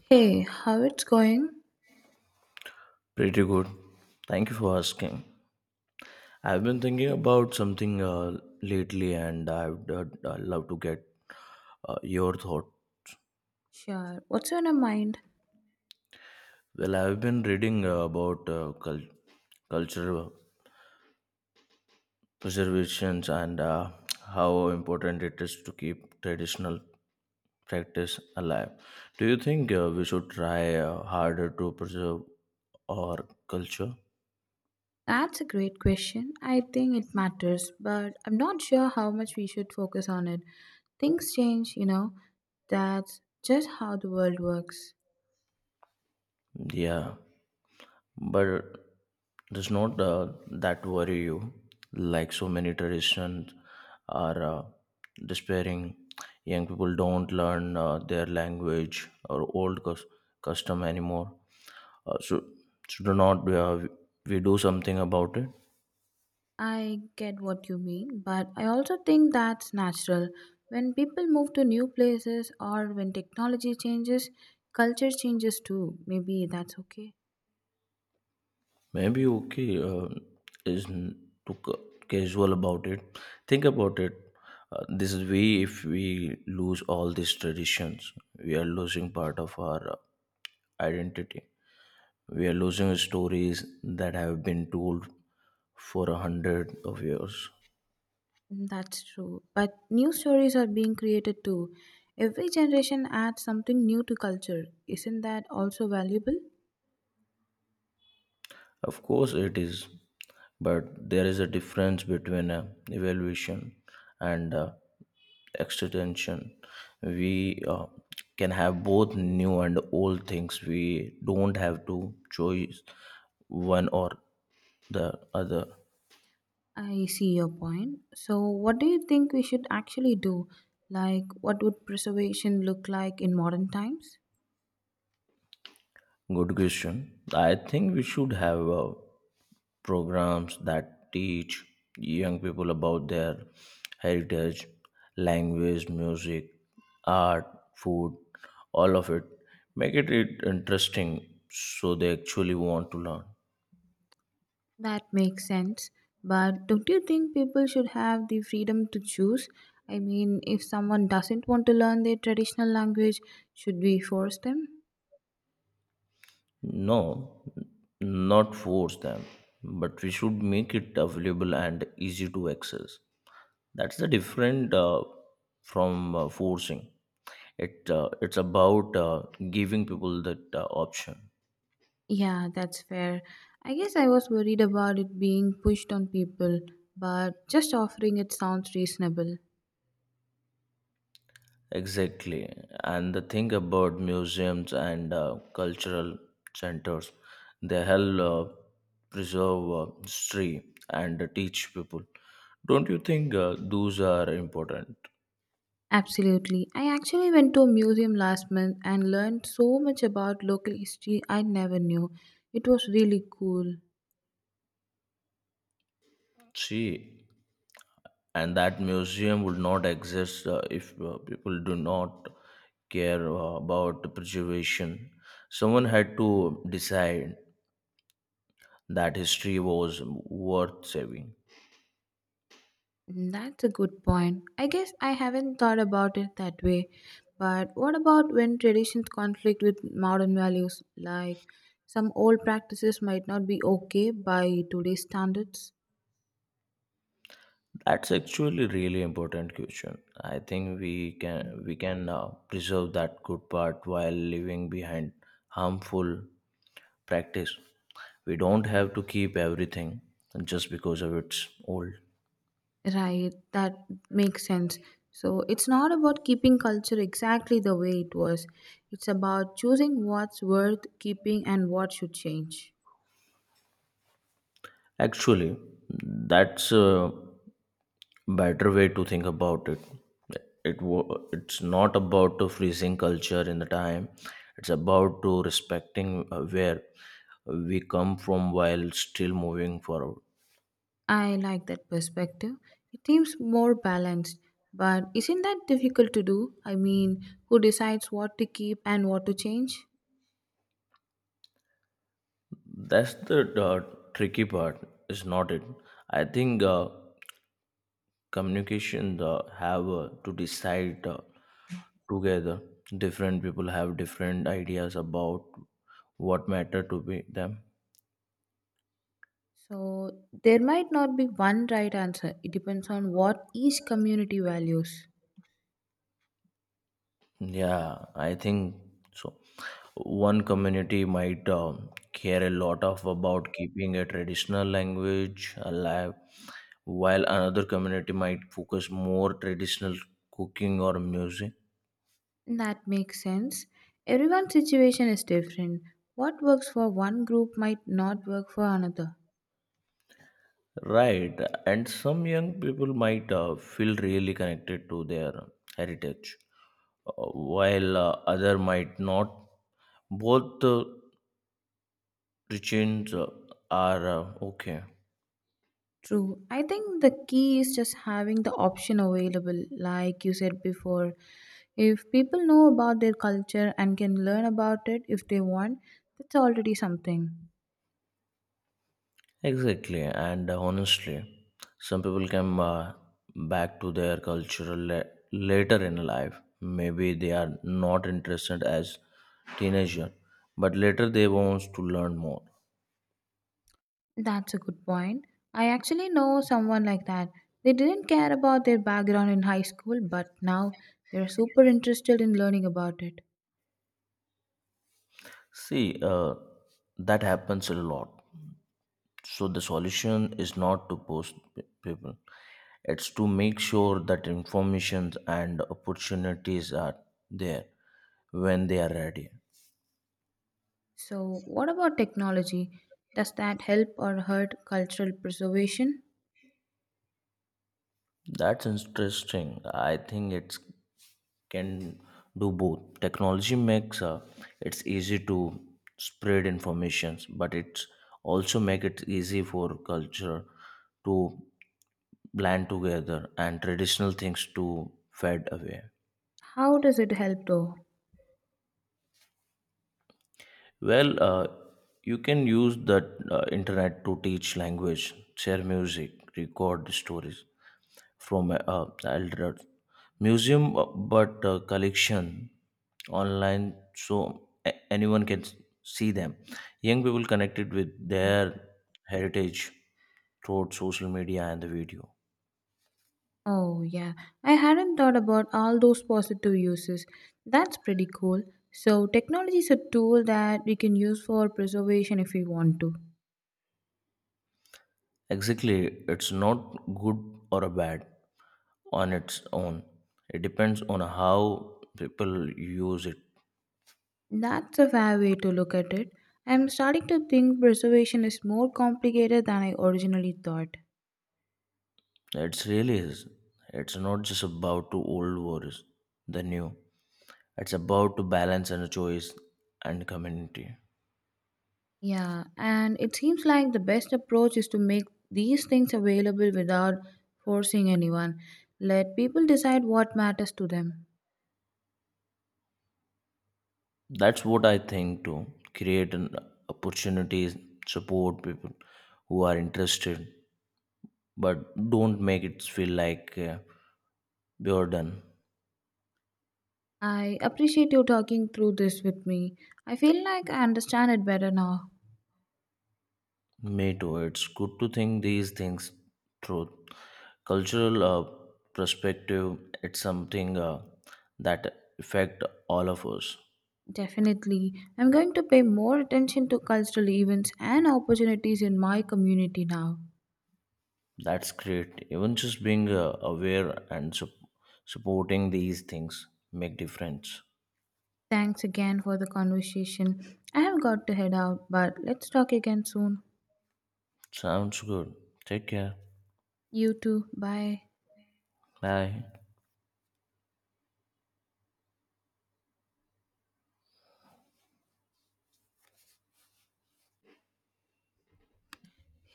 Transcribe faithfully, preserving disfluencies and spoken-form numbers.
Hey, how it's going? Pretty good. Thank you for asking. I've been thinking about something uh, lately and I would uh, I'd love to get uh, your thought. Sure. What's on your mind? Well, I've been reading uh, about uh, cul- cultural preservations, and uh, how important it is to keep traditional practice alive. Do you think uh, we should try uh, harder to preserve our culture? That's a great question. I think it matters, but I'm not sure how much we should focus on it. Things change, you know. That's just how the world works. Yeah, but does not uh, that worry you? Like so many traditions are uh, despairing, young people don't learn uh, their language or old cus- custom anymore. Uh, so, so do not uh, we do something about it? I get what you mean, but I also think that's natural. When people move to new places or when technology changes, culture changes too. Maybe that's okay. Maybe okay uh, is n- too ca- casual about it. Think about it. Uh, this is we if we lose all these traditions, we are losing part of our uh, identity. We are losing stories that have been told for a hundred of years. Mm, that's true. But new stories are being created too. Every generation adds something new to culture. Isn't that also valuable? Of course, it is, but there is a difference between uh, evaluation and uh, extension. We uh, can have both new and old things. We don't have to choose one or the other. I see your point. So, what do you think we should actually do? Like, what would preservation look like in modern times? Good question. I think we should have. Uh, programs that teach young people about their heritage, language, music, art, food, all of it. Make it it interesting so they actually want to learn. That makes sense. But don't you think people should have the freedom to choose? I mean, if someone doesn't want to learn their traditional language, should we force them? No, not force them, but we should make it available and easy to access. That's the different uh, from uh, forcing. It uh, it's about uh, giving people that uh, option. Yeah, that's fair. I guess I was worried about it being pushed on people, but just offering it sounds reasonable. Exactly. And the thing about museums and uh, cultural centers, they help uh, preserve uh, history and teach people. Don't you think uh, those are important? Absolutely. I actually went to a museum last month and learned so much about local history I never knew. It was really cool. See, and that museum would not exist uh, if uh, people do not care uh, about the preservation. Someone had to decide that history was worth saving. Mm, that's a good point. I guess I haven't thought about it that way. But what about when traditions conflict with modern values? Like some old practices might not be okay by today's standards. That's actually really important question. I think we can we can uh, preserve that good part while leaving behind harmful practice. We don't have to keep everything just because of it's old. Right, that makes sense. So it's not about keeping culture exactly the way it was. It's about choosing what's worth keeping and what should change. Actually, that's a better way to think about it. It wo- it's not about to freezing culture in the time. It's about to respecting uh, where we come from while still moving forward. I like that perspective. It seems more balanced, but isn't that difficult to do? I mean, who decides what to keep and what to change? That's the uh, tricky part, is not it? I think uh, communication uh, have uh, to decide uh, together. Different people have different ideas about what matter to be them. So there might not be one right answer. It depends on what each community values. Yeah, I think so. One community might um, care a lot of about keeping a traditional language alive, while another community might focus more traditional cooking or music. That makes sense. Everyone's situation is different. What works for one group might not work for another. Right, and some young people might uh, feel really connected to their heritage, uh, while uh, other might not. Both uh, regions uh, are uh, okay. True. I think the key is just having the option available, like you said before. If people know about their culture and can learn about it if they want, that's already something. Exactly, and uh, honestly, some people come uh, back to their cultural la- later in life. Maybe they are not interested as teenager, but later they want to learn more. That's a good point. I actually know someone like that. They didn't care about their background in high school, but now they're super interested in learning about it. See, uh, that happens a lot. So the solution is not to post p- people. It's to make sure that informations and opportunities are there when they are ready. So, what about technology? Does that help or hurt cultural preservation? That's interesting. I think it can do both. Technology makes uh, it's easy to spread informations, but it's also make it easy for culture to blend together and traditional things to fade away. How does it help though? Well, uh, you can use the uh, internet to teach language, share music, record stories from uh, uh, elder museum, uh, but uh, collection online, so a- anyone can s- see them. Young people connected with their heritage through social media and the video. Oh, yeah, I hadn't thought about all those positive uses. That's pretty cool. So, technology is a tool that we can use for preservation if we want to. Exactly, it's not good or a bad on its own. It depends on how people use it. That's a fair way to look at it. I'm starting to think preservation is more complicated than I originally thought. It's really is. It's not just about two old wars, the new. It's about to balance and choice and community. Yeah, and it seems like the best approach is to make these things available without forcing anyone. Let people decide what matters to them. That's what I think too. Create an opportunities, support people who are interested, but don't make it feel like uh, burden. I appreciate you talking through this with me. I feel like I understand it better now. Me too. It's good to think these things through. Cultural uh, perspective. It's something uh, that affect all of us. Definitely. I'm going to pay more attention to cultural events and opportunities in my community now. That's great. Even just being uh, aware and sup- supporting these things make difference. Thanks again for the conversation. I have got to head out, but let's talk again soon. Sounds good. Take care. You too. Bye. Bye.